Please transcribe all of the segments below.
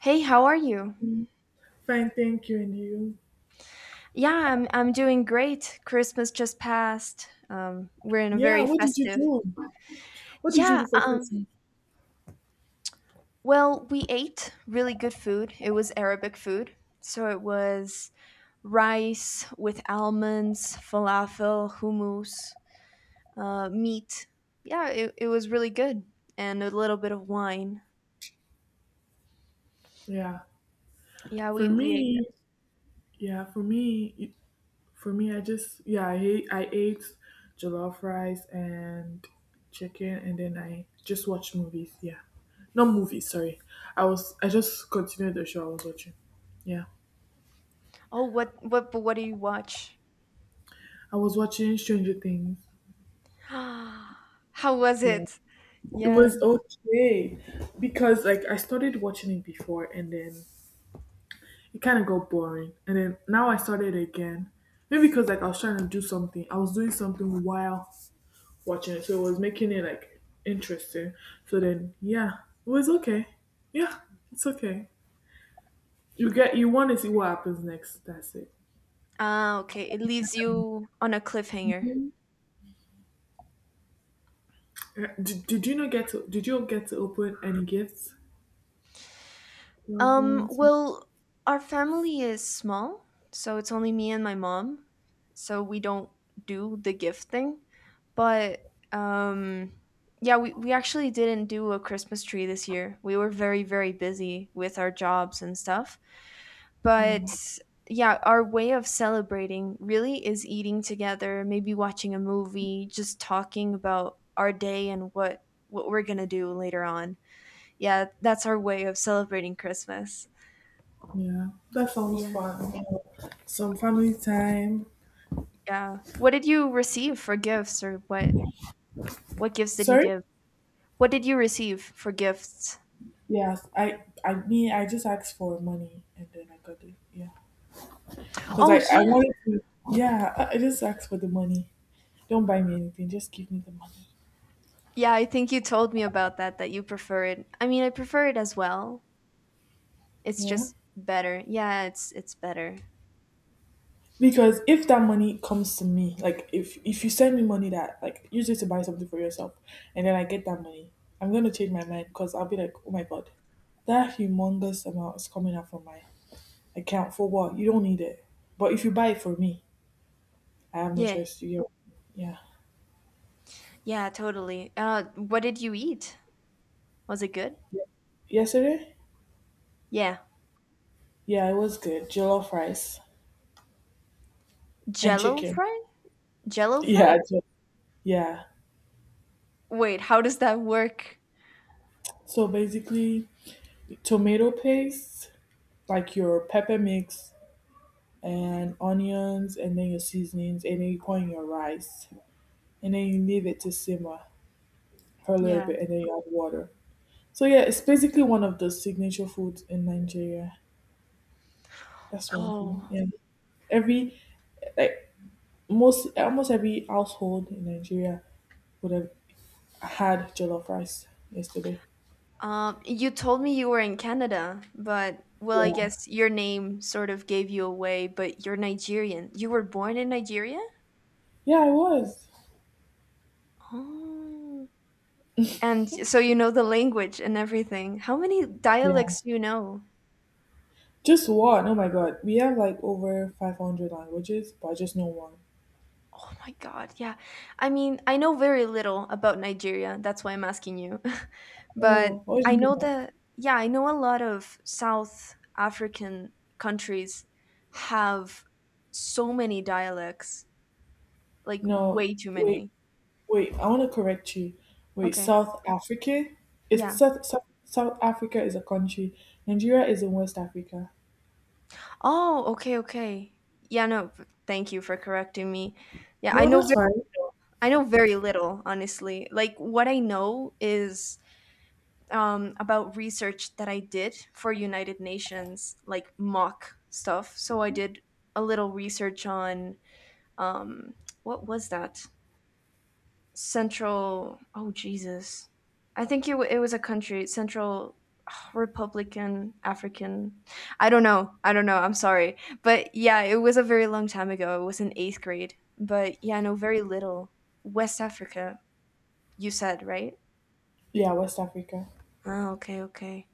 Hey, how are you? Fine, thank you. And you? Yeah, I'm doing great. Christmas just passed. We're in a Yeah, very what did you festive. do? What did you Yeah, do for Christmas? well, we ate really good food. It was Arabic food. So it was rice with almonds, falafel, hummus, meat. Yeah, it was really good. And a little bit of wine. Yeah. Yeah, For we ate. me, yeah, for me, it- for me, I just, yeah, I hate, I ate jollof rice and chicken, and then I just watched movies. Yeah. Not movies, sorry. I just continued the show I was watching. Yeah. Oh, what do you watch? I was watching Stranger Things. How was Yeah. it? It Yeah. was okay because, like, I started watching it before, and then it kind of got boring. And then now I started again. Maybe because like I was trying to do something. I was doing something while watching it. So it was making it like interesting. So then yeah, it was okay. Yeah, it's okay. You want to see what happens next. That's it. Ah, okay. It leaves you on a cliffhanger. Mhm. Did you not get to Did you get to open any gifts? Was Well, our family is small, so it's only me and my mom. So we don't do the gift thing. But um yeah, we actually didn't do a Christmas tree this year. We were very, very busy with our jobs and stuff. But yeah, our way of celebrating really is eating together, maybe watching a movie, just talking about our day and what we're gonna do later on. Yeah, that's our way of celebrating Christmas. Yeah, that sounds Yeah. fun. Some family time. Yeah. What did you receive for gifts or what gifts did you Sorry? give? What did you receive for gifts? Yes, I mean I just asked for money and then I got it. Yeah. Because I, Oh I yeah. wanted to, yeah, I just asked for the money. Don't buy me anything, just give me the money. Yeah, I think you told me about that that you prefer it. I mean, I prefer it as well. It's Yeah. just better. Yeah, it's better. Because if that money comes to me, like if you send me money that, like, use it to buy something for yourself and then I get that money, I'm gonna change my mind because I'll be like, oh my god, that humongous amount is coming out from my account for what? You don't need it. But if you buy it for me, I have no Yeah. choice to get, yeah. Yeah, totally. What did you eat? Was it good? Yesterday? Yeah. Yeah, it was good. Jollof rice and Jello chicken. fry? Jello Yeah, fries? Yeah. Wait, how does that work? So basically, tomato paste, like your pepper mix and onions, and then your seasonings, and then you pour in your rice, and then you leave it to simmer for a little Yeah. bit, and then you add water. So yeah, it's basically one of the signature foods in Nigeria. That's one thing. Oh. Yeah, every like most almost every household in Nigeria would have had jollof rice yesterday. You told me you were in Canada, but well, I Yeah, guess your name sort of gave you away, but you're Nigerian. You were born in Nigeria? yeah, I was. Oh. And so you know the language and everything. How many Yeah. dialects do you know? Just one? Oh my god. We have like over 500 languages, but I just know one. Oh my God, yeah. I mean, I know very little about Nigeria. That's why I'm asking you. But Oh, I know original. the, yeah, I know a lot of South African countries have so many dialects. Like No, way too wait, many. wait. I want to correct you. Wait, Okay. South Africa? It's Yeah. South, South, South Africa is a country. Nigeria is in West Africa. Oh, okay, okay. Yeah, no, thank you for correcting me. Yeah, I No, know that's very fine. little. I know very little, honestly. Like what I know is about research that I did for United Nations, like mock stuff. So I did a little research on um what was that? Central, oh Jesus, I think it was a country, central, ah, Republican African. I don't know, I'm sorry. But yeah, it was a very long time ago. It was in eighth grade. But yeah, I know very little. West Africa, you said, right? Yeah, West Africa. Oh, okay, okay.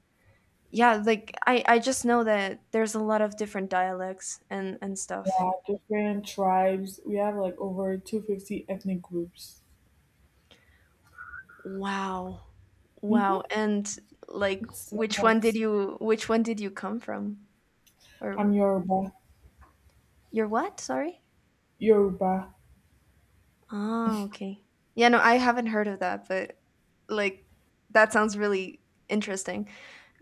Yeah, like I just know that there's a lot of different dialects and stuff. Yeah, different tribes. We have like over 250 ethnic groups. Wow. Wow. Mm-hmm. And like It's a lot. Which one did you come from, I'm or. Yoruba. Your what? Sorry? Yoruba. Oh, okay. Yeah, no, I haven't heard of that, but like that sounds really interesting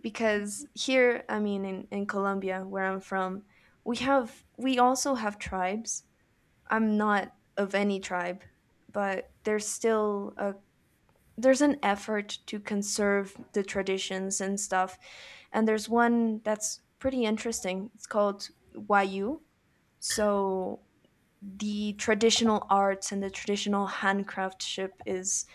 because here, I mean, in Colombia, where I'm from, we also have tribes. I'm not of any tribe, but there's still a there's an effort to conserve the traditions and stuff. And there's one that's pretty interesting. It's called Wayu. So the traditional arts and the traditional handcraftship is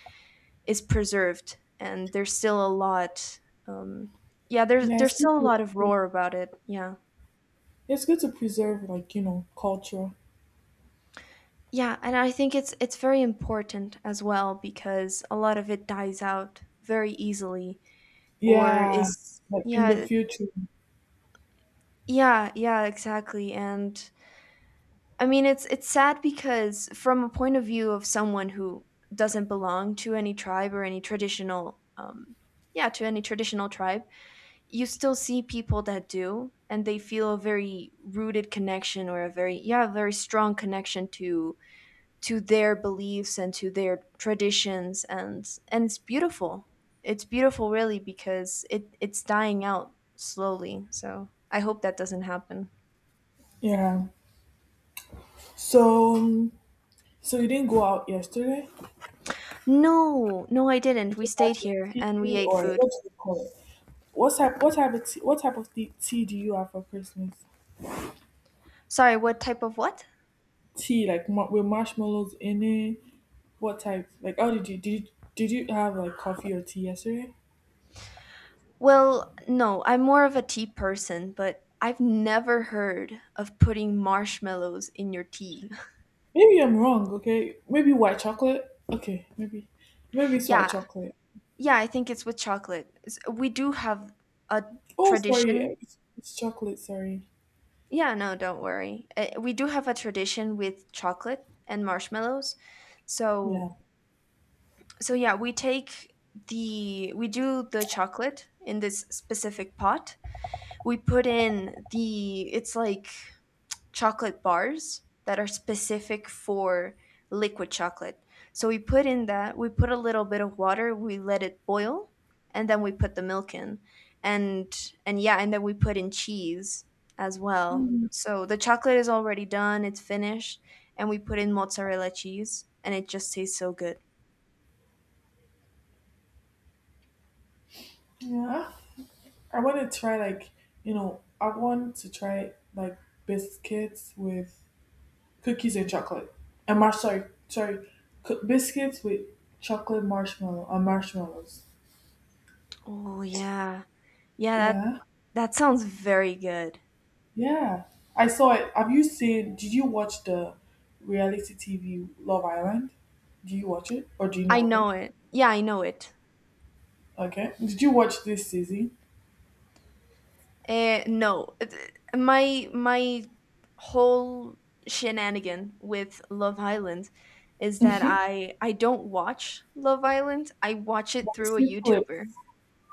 is preserved and um yeah there's Yeah, it's there's good still a lot of to, roar about it, yeah. it's good to preserve, like, culture. Yeah. And I think it's very important as well because a lot of it dies out very easily. Or Yeah, is. like in the Yeah. future. Yeah, yeah, exactly. And I mean, it's sad because from a point of view of someone who doesn't belong to any tribe or to any traditional tribe, you still see people that do, and they feel a very rooted connection or a very strong connection to their beliefs and to their traditions, and it's beautiful. It's beautiful, really, because it's dying out slowly. So I hope that doesn't happen. Yeah. So, um, so you didn't go out yesterday? No, no, I You didn't. We just had stayed some here and we tea ate or food. what do you call it? What type? What type of tea? What type of tea do you have for Christmas? Sorry, what type of what? Tea like with marshmallows in it. What type? Like, oh, did you have like coffee or tea yesterday? Well, no, I'm more of a tea person, but I've never heard of putting marshmallows in your tea. Maybe I'm wrong. Okay, maybe white chocolate. Okay, maybe it's white Yeah, chocolate. yeah, I think it's with chocolate. We do have a Oh, tradition. sorry, it's chocolate. Sorry. Yeah, no, don't worry. We do have a tradition with chocolate and marshmallows. So, Yeah. so yeah, we take the we do the chocolate in this specific pot. We put in the It's like chocolate bars that are specific for liquid chocolate. So we put in that, we put a little bit of water, we let it boil, and then we put the milk in. And and yeah, and then we put in cheese as well. Mm, So the chocolate is already done, it's finished, and we put in mozzarella cheese and it just tastes so good. yeah. I want to try like I want to try, like, biscuits with cookies and chocolate and mar sorry, sorry, biscuits with chocolate marshmallow or marshmallows. Oh yeah. Yeah, that Yeah, that sounds very good. yeah. I saw it. Have you seen? Did you watch the reality TV Love Island? Do you watch it or do you I know of know it? it. Yeah, I know it. Okay. Did you watch this season? No, my whole shenanigan with Love Island is that I don't watch Love Island. I watch it But you through a see clips. YouTuber.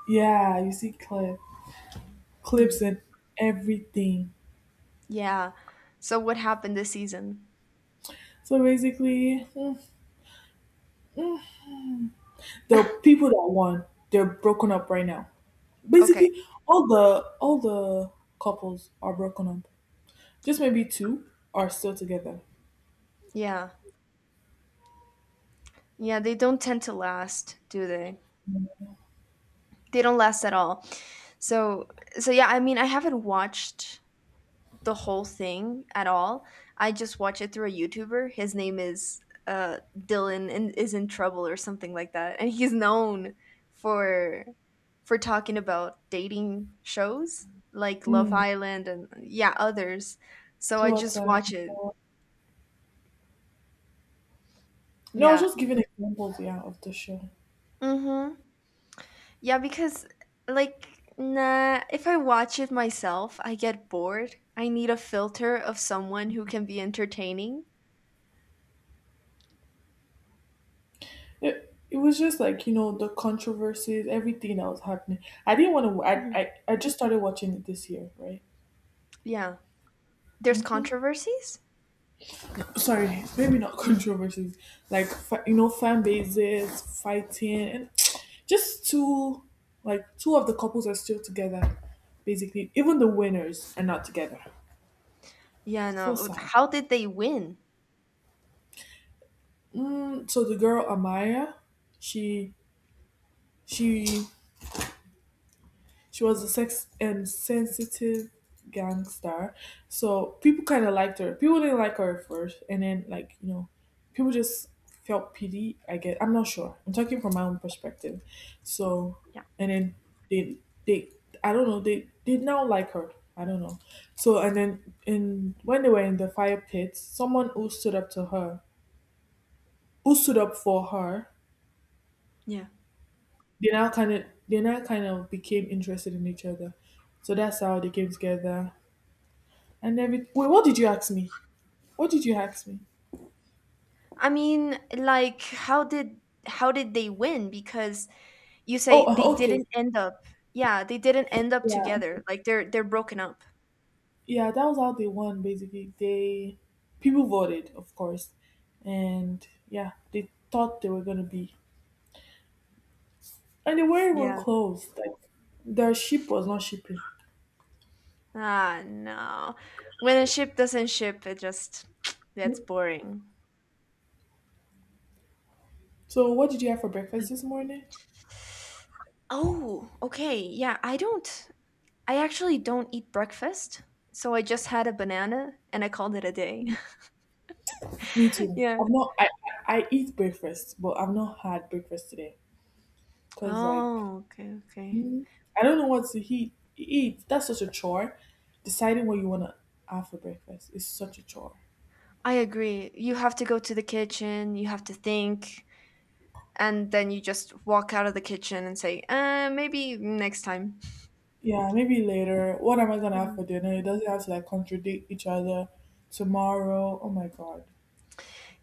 Yeah, you see clips, Hmm. and everything. Yeah. So what happened this season? So basically. The people that won, they're broken up right now. Okay. Basically, all the couples are broken up. Just maybe two are still together. Yeah. Yeah, they don't tend to last, do they? They don't last at all. So so yeah, I mean, I haven't watched the whole thing at all. I just watch it through a YouTuber. His name is Dylan and is in trouble or something like that, and he's known for for talking about dating shows like Love Mm, Island and yeah others. So I two at a just time. watch it. No, I was Yeah. just giving examples, yeah, of the show. Mhm. Yeah, because like nah, if I watch it myself, I get bored. I need a filter of someone who can be entertaining. It was just like, the controversies, everything that was happening. I didn't want to, Mhm. I just started watching it this year, right? Yeah. There's controversies. Sorry, maybe not controversies, like fan bases fighting, and just two, like two of the couples are still together, basically. Even the winners are not together. Yeah, So no. sad. How did they win? Mm, so the girl Amaya, she she she was a sex and sensitive gangster. So people kind of liked her. People didn't like her at first, and then, like, people just felt pity. I guess I'm not sure. I'm talking from my own perspective. So, Yeah. and then they they I don't know, they did now like her. I don't know. So and then in when they were in the fire pit, someone who stood up to her, who stood up for her, Yeah. They now kind of became interested in each other. So that's how they came together. And every wait, what did you ask me? I mean, like how did they win? Because you Oh, say they okay. didn't end up. Yeah, they didn't end up Yeah, together. Like they're broken up. yeah, that was how they won. Basically, they people voted, of course, and yeah, they thought they were gonna be, and they weren't even Yeah. close, like, their ship was not shipping. Ah, no. When a ship doesn't ship, it just that's boring. So what did you have for Yeah. breakfast this morning? Oh, okay. Yeah, I actually don't eat breakfast. So I just had a banana and I called it a day. Me too, Yeah. I eat breakfast, but I've not had breakfast today, because like, Oh, okay, okay. I don't know what to eat. Eat. That's such a chore. Deciding what you want to have for breakfast is such a chore. I agree. You have to go to the kitchen, you have to think, and then you just walk out of the kitchen and say, maybe next time. Yeah, maybe later. What am I gonna have for Mhm. dinner? It doesn't have to like contradict each other. Tomorrow. Oh my god.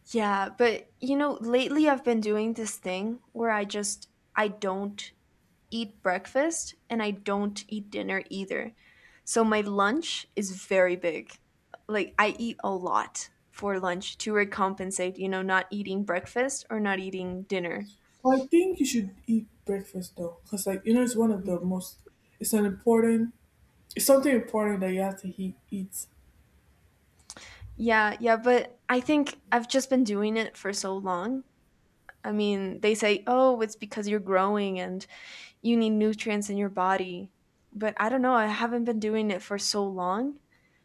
Yeah, but lately I've been doing this thing where I don't eat breakfast and I don't eat dinner either. So my lunch is very big. Like I eat a lot for lunch to recompensate, not eating breakfast or not eating dinner. Well, I think you should eat breakfast though, because like, it's one of the most. It's an important. It's something important that you have to eat. Eat. Yeah, yeah, but I think I've just been doing it for so long. I mean, they say, "Oh, it's because you're growing and you need nutrients in your body." But I don't know, I haven't been doing it for so long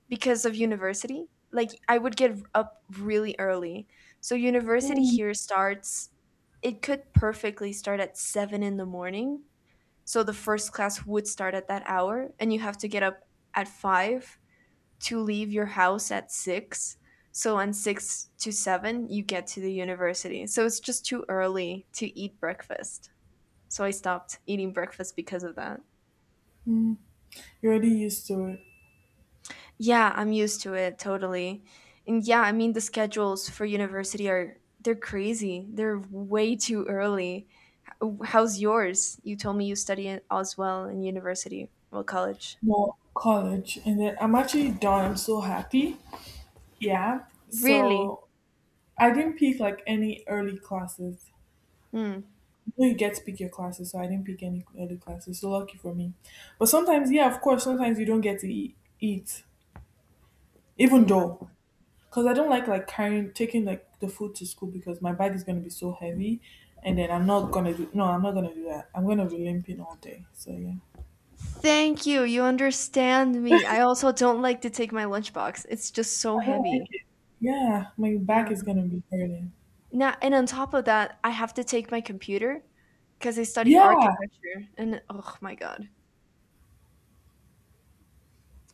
because of university. Like I would get up really early. So university Mm. here starts. It could perfectly start at 7 in the morning. So the first class would start at that hour and you have to get up at 5 to leave your house at 6. So on 6 to 7, you get to the university. So it's just too early to eat breakfast. So I stopped eating breakfast because of that. You're already used to it. Yeah, I'm used to it totally. And yeah, I mean the schedules for university are they're crazy. They're way too early. How's yours? You told me you study as well in university, well college. Well, college, and then I'm actually done. I'm so happy. Yeah. Really? So I didn't pick like any early classes. Hmm. You get to pick your classes, so I didn't pick any early classes. So lucky for me. But sometimes, yeah, of course, sometimes you don't get to eat, even though, because I don't like, carrying taking like the food to school because my bag is gonna be so heavy, and then I'm not gonna do, no, I'm not gonna do that. I'm gonna be limping all day. So yeah, Thank you. You understand me. I also don't like to take my lunchbox. It's just so I don't heavy. like it. Yeah, my back Yeah. is gonna be hurting. Now, and on top of that, I have to take my computer because I study Yeah, architecture. And oh my God.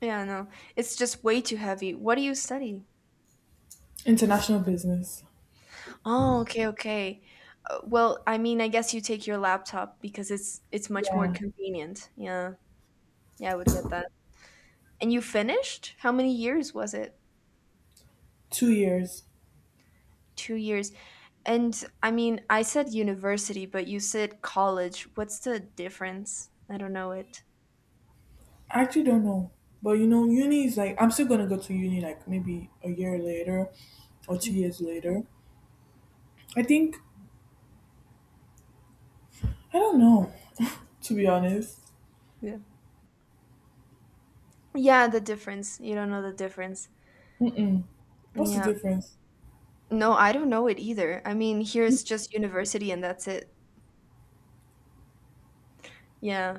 Yeah, no. It's just way too heavy. What do you study? international business. Oh, okay, okay. Well, I mean, I guess you take your laptop because it's much more Yeah, convenient. Yeah. Yeah, I would get that. And you finished? How many years was it? 2 years. 2 years. And I mean, I said university, but you said college. What's the difference? I don't know it. I actually don't know. But uni is like I'm still gonna go to uni like maybe a year later or two years later. I think I don't know, to be honest. Yeah. Yeah, the difference. You don't know the difference. Mm-mm. What's the Yeah. difference? No, I don't know it either. I mean, here it's just university and that's it. Yeah.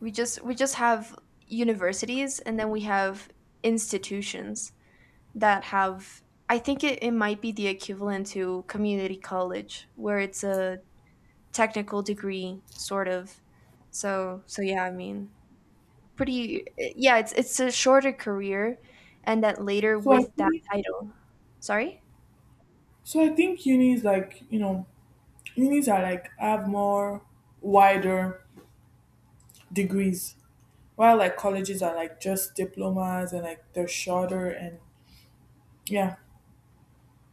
We just have universities and then we have institutions that have. I think it might be the equivalent to community college where it's a technical degree sort of. So yeah, I mean, pretty, yeah, it's a shorter career and that later So I with that think title. Sorry? so I think unis are like have more wider degrees, while like colleges are like just diplomas and like they're shorter and yeah.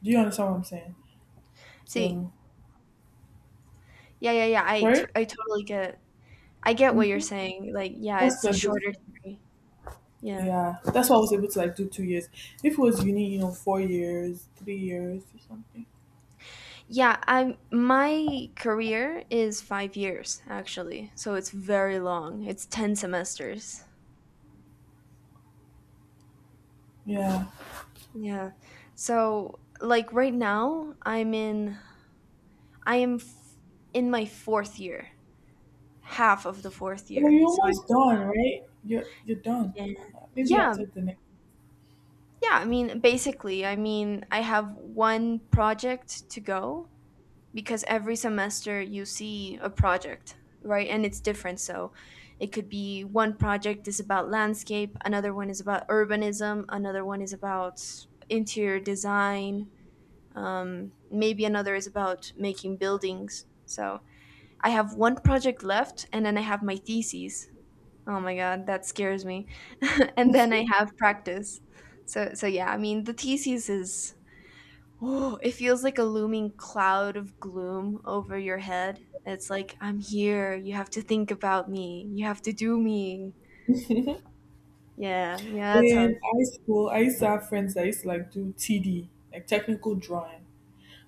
Do you understand what I'm saying? See. So Yeah, yeah, yeah. I sorry. t- I totally get I get what you're Mm-hmm. saying. Like, yeah, What's it's a the shorter difference? degree. Yeah. Yeah, that's what I was able to like do 2 years. If it was uni, 4 years, 3 years or something. Yeah, I'm my career is 5 years actually. So it's very long. It's 10 semesters. Yeah. Yeah. So like right now I'm in I am f- in my fourth year, half of the fourth Well, year. you're So I, almost done, right? You're done. yeah. Maybe Yeah, after the next. yeah, I mean, basically, I mean, I have one project to go because every semester you see a project, right? And it's different. So it could be one project is about landscape, another one is about urbanism, another one is about interior design, maybe another is about making buildings. So I have one project left and then I have my theses. Oh my God, that scares me. And then I have practice. So yeah, I mean the thesis is, oh, it feels like a looming cloud of gloom over your head. It's like I'm here, you have to think about me, you have to do me. Yeah, yeah, that's how. In high school, I used to have friends that used to like do TD, like technical drawing,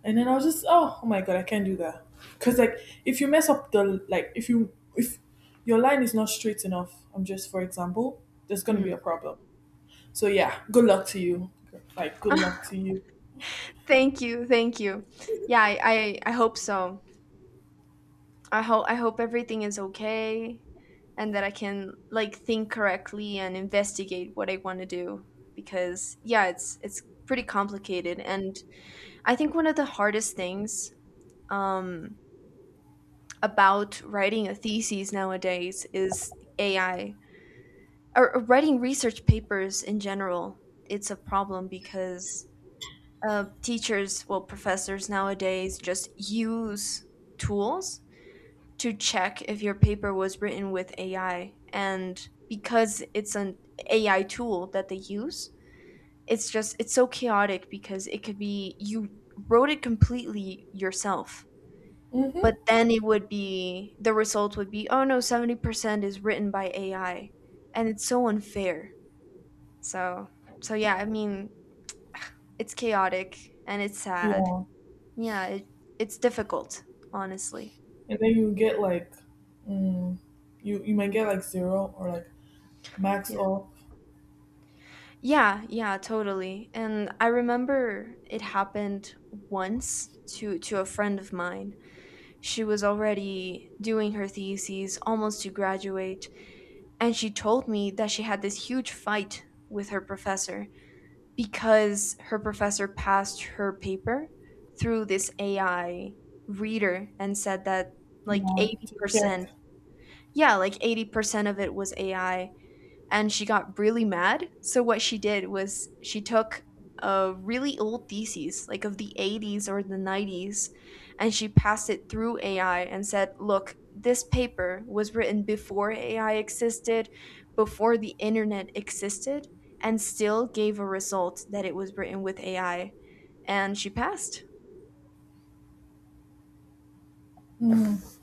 and then I was just, oh my god, I can't do that, because like if you mess up the like if you, if your line is not straight enough, I'm just for example, there's gonna be Hmm. a problem. So yeah, good luck to you. Like good luck to you. Thank you, thank you. Yeah, I hope so. I hope everything is okay and that I can, like, think correctly and investigate what I want to do because yeah, it's pretty complicated and I think one of the hardest things um about writing a thesis nowadays is AI or writing research papers in general. It's a problem because teachers, well, professors nowadays just use tools to check if your paper was written with AI. And because it's an AI tool that they use, it's just it's so chaotic because it could be you wrote it completely yourself, but Hmm. then it would be the result would be, oh no, 70% is written by AI. And it's so unfair. So so yeah, I mean, it's chaotic and it's sad. Yeah, Yeah, it's difficult, honestly. and then you get like, mm, you might get like zero or like max Yeah. off. Yeah, yeah, totally. And I remember it happened once to a friend of mine. She was already doing her theses, almost to graduate, and she told me that she had this huge fight with her professor because her professor passed her paper through this AI reader and said that like Yeah, to check. 80%, yeah, like 80% of it was AI and she got really mad. So what she did was she took a really old thesis, like of the 80s or the 90s, and she passed it through AI and said, "Look, this paper was written before AI existed, before the internet existed, and still gave a result that it was written with AI." And she passed. Mm.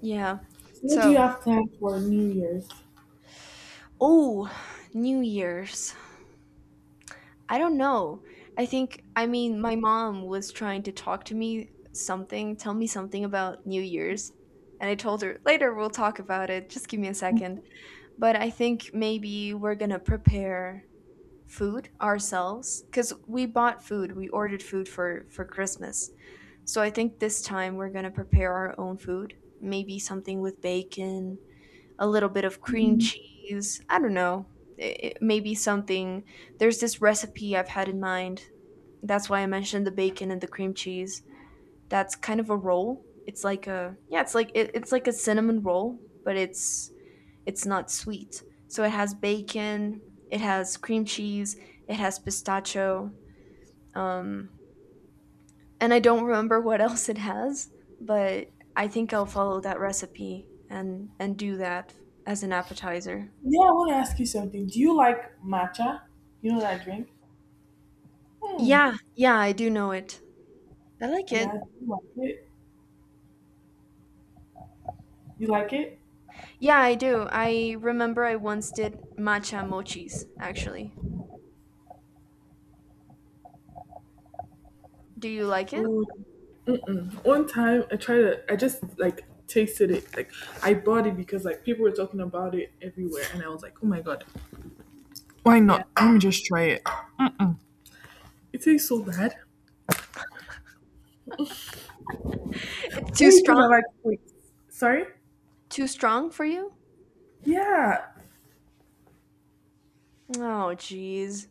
Yeah. So what do you So, have planned for New Year's? oh, New Year's. I don't know. I think, I mean, my mom was trying to talk to me something, tell me something about New Year's. And I told her, later we'll talk about it. Just give me a second. But I think maybe we're going to prepare food ourselves because we bought food. We ordered food for Christmas. So I think this time we're going to prepare our own food. Maybe something with bacon, a little bit of cream Mm. cheese. I don't know. It may be something. There's this recipe I've had in mind. That's why I mentioned the bacon and the cream cheese. That's kind of a roll. It's like a yeah, it's like a cinnamon roll, but it's not sweet. So it has bacon, it has cream cheese, it has pistachio, um, and I don't remember what else it has, but I think I'll follow that recipe and do that as an appetizer. Yeah, I want to ask you something. Do you like matcha? You know that drink? Hmm. Yeah, yeah, I do know it. I like Yeah, it. do you like it? You like it? Yeah, I do. I remember I once did matcha mochis, actually. Do you like it? Oh, mm-mm. One time I tried to, I just like tasted it. Like I bought it because like people were talking about it everywhere, and I was like, oh my god, why Yeah. not? Let me just try it. It tastes so bad. It's too Maybe because I strong? like sweet. Sorry? Too strong for you? Yeah. Oh, jeez.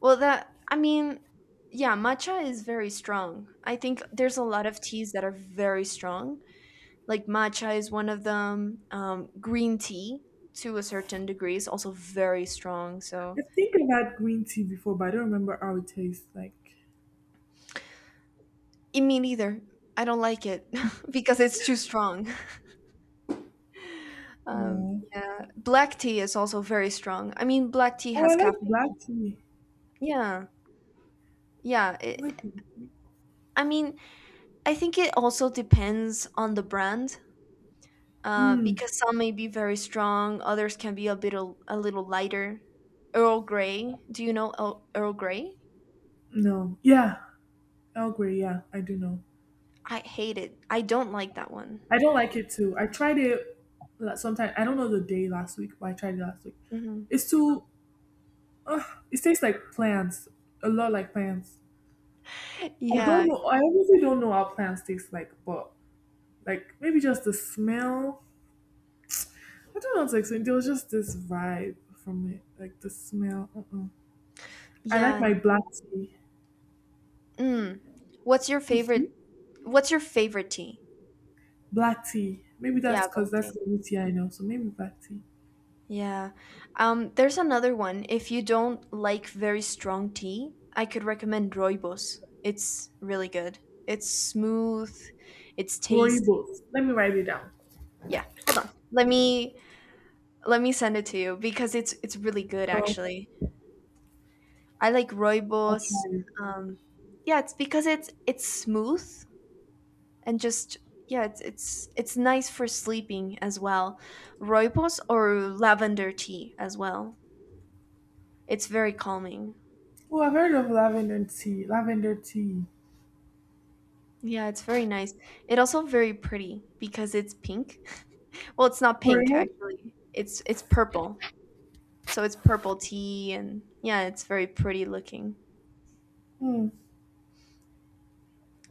Well, that, I mean, yeah, matcha is very strong. I think there's a lot of teas that are very strong. Like matcha is one of them. Green tea, to a certain degree, is also very strong. I So, think I've had green tea before, but I don't remember how it tastes like. Me neither. I don't like it because it's too strong. Yeah. Yeah, black tea is also very strong. I mean, black tea Oh, I has like caffeine. black tea. Yeah, yeah. I like I mean, I think it also depends on the brand, Mm, because some may be very strong, others can be a bit a little lighter. Earl Grey. Do you know Earl Grey? no. Yeah. Earl Grey. Yeah, I do know. I hate it. I don't like that one. I don't like it too. I tried it sometimes. I don't know the day last week, but I tried it last week. Hmm. It's too. Uh, it tastes like plants. A lot like plants. I Yeah, don't know. I honestly don't know how plants taste like, but like maybe just the smell. I don't know how to explain. There was just this vibe from it, like the smell. Uh-uh. I like yeah. my black tea. Mm. What's your Mhm. favorite? What's your favorite? Tea? Black tea. Maybe Yeah, that's because black that's tea. the only tea I know. So maybe black tea. Yeah. There's another one. If you don't like very strong tea, I could recommend Rooibos. It's really good. It's smooth. It's Glory tasty. boat. Let me write it down. Yeah. Hold on. Let me send it to you because it's really good Oh, okay. actually. I like I'll try Rooibos. it. Um, yeah, it's because it's smooth and just yeah, it's nice for sleeping as well. Rooibos or lavender tea as well. It's very calming. Oh, I've heard of lavender tea. Lavender tea. Yeah, it's very nice. It also very pretty because it's pink. Well, it's not For pink real? actually. It's purple. So it's purple tea and yeah, it's very pretty looking. Hmm.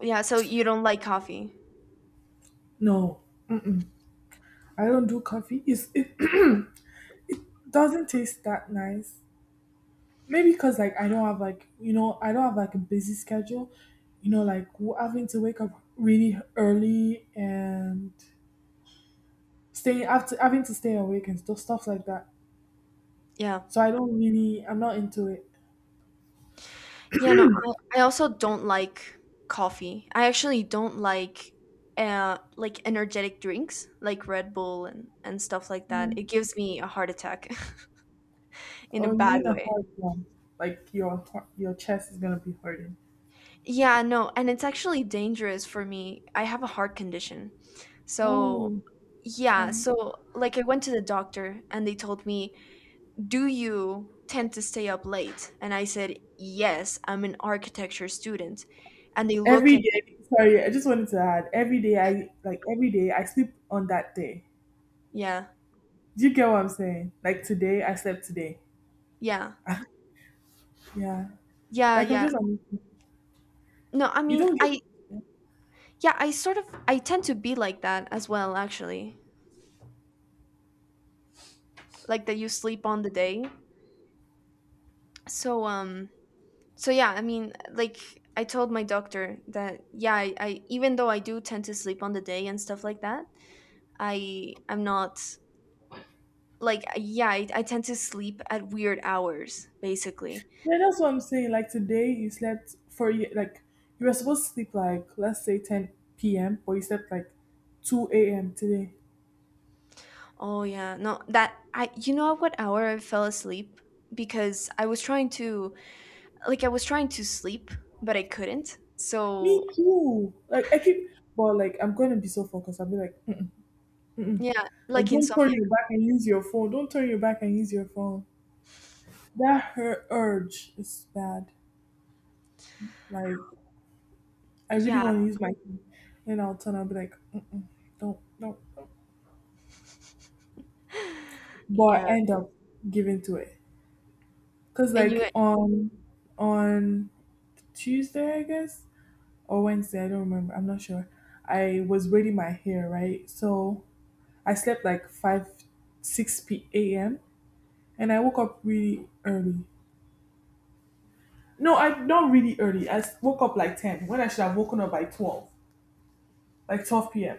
Yeah, so you don't like coffee. No, I don't do coffee. It doesn't taste that nice. Maybe because like I don't have, like, a busy schedule, like having to wake up really early and staying after having to stay awake and stuff like that. Yeah. So I don't really I'm not into it. Yeah, no, I also don't like coffee. I actually don't like energetic drinks like Red Bull and stuff like that. Mm. It gives me a heart attack in a Oh, you bad mean a way. hard one? Like your chest is gonna be hurting. Yeah, no, and it's actually dangerous for me. I have a heart condition. So, Oh, yeah, sorry. so like I went to the doctor and they told me, "Do you tend to stay up late?" And I said, "Yes, I'm an architecture student." And they look Every at me day, sorry, I just wanted to add. Every day, like, I like every day I sleep on that day. "Yeah, Do you get what I'm saying? Like today, I slept today. yeah. Yeah, Yeah, like I'm yeah." just. No, I You mean, don't get. I yeah, I sort of I tend to be like that as well actually. Like that you sleep on the day. So, yeah, I mean, like, I told my doctor that, yeah, I even though I do tend to sleep on the day and stuff like that, I'm not, like, yeah, I tend to sleep at weird hours basically. Yeah, that's what I'm saying. Like today, you slept for like you were supposed to sleep like let's say 10 p.m. but you slept like 2 a.m. today. Oh yeah, no, that I, you know, at what hour I fell asleep because I was trying to sleep but I couldn't, so. Me too. Like I keep, but like I'm gonna be so focused. I'll be like, "Mm." Yeah, Like like, don't turn insomnia. your back and use your phone. Don't turn your back and use your phone. That her urge is bad. Like I really Yeah. want to use my phone, and I'll turn. I'll be like, mm-mm, don't, don't. But I Yeah. end up giving to it. Cause And you. like on Tuesday, I guess, or Wednesday, I don't remember. I'm not sure. I was braiding my hair, right? So I slept like 5, 6 p.m. and I woke up really early. No, I not really early. I woke up like 10 when I should have woken up by 12, like 12 p.m.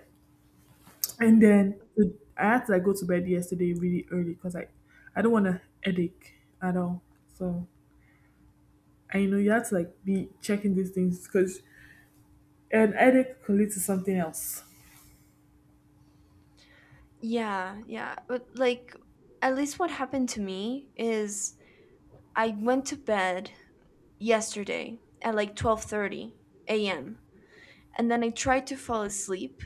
And Mm-hmm. then I had to like go to bed yesterday really early because I don't want a headache at all. So I know you have to like be checking these things because an headache could lead to something else. Yeah, yeah. But, like, at least what happened to me is I went to bed yesterday at like 12:30 a.m. and then I tried to fall asleep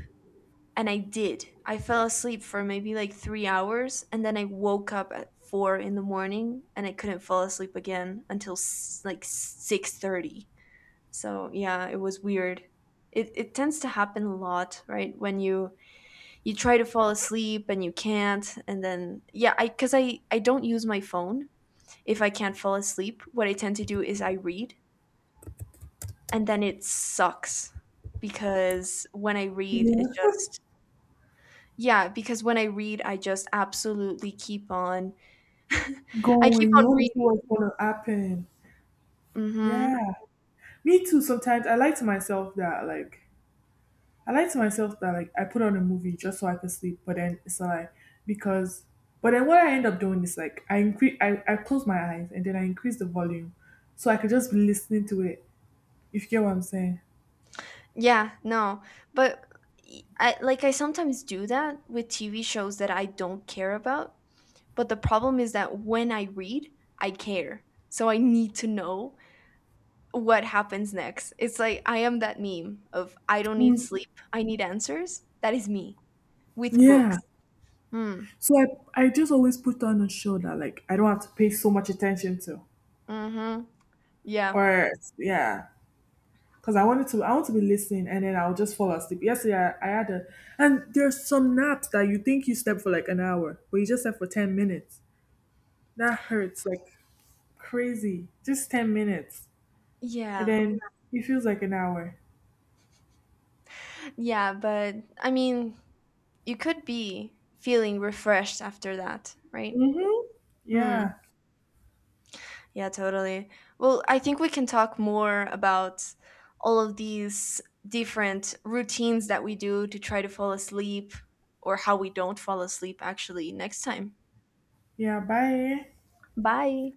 and I did. I fell asleep for maybe like 3 hours and then I woke up at 4 in the morning and I couldn't fall asleep again until like 6:30. So, yeah, it was weird. It tends to happen a lot, right? When you try to fall asleep and you can't and then, yeah, I because I don't use my phone. If I can't fall asleep, what I tend to do is I read and then it sucks because when I read it Yeah. just, yeah, because when I read I just absolutely keep on I keep Going. You on want to see reading. what's gonna happen. Mm-hmm. Yeah. Me too. Sometimes I like to myself that like I put on a movie just so I can sleep, but then it's like, because but then what I end up doing is like I close my eyes and then I increase the volume so I could just be listening to it. If you get what I'm saying. Yeah, no, but I, like, I sometimes do that with TV shows that I don't care about. But the problem is that when I read, I care. So I need to know what happens next. It's like I am that meme of, "I don't need sleep, I need answers." That is me with Yeah. books. Hmm. So I just always put on a show that like I don't have to pay so much attention to. Mhm. Yeah. Or yeah. Because I wanted to, I want to be listening and then I'll just fall asleep. Yesterday I had a, and there's some naps that you think you slept for like an hour, but you just slept for 10 minutes. That hurts like crazy. Just 10 minutes. And Yeah. then it feels like an hour. Yeah, but I mean, you could be feeling refreshed after that, right? Mm-hmm. Hmm. Yeah. Yeah, totally. Well, I think we can talk more about all of these different routines that we do to try to fall asleep or how we don't fall asleep actually next time. Yeah. Bye. Bye.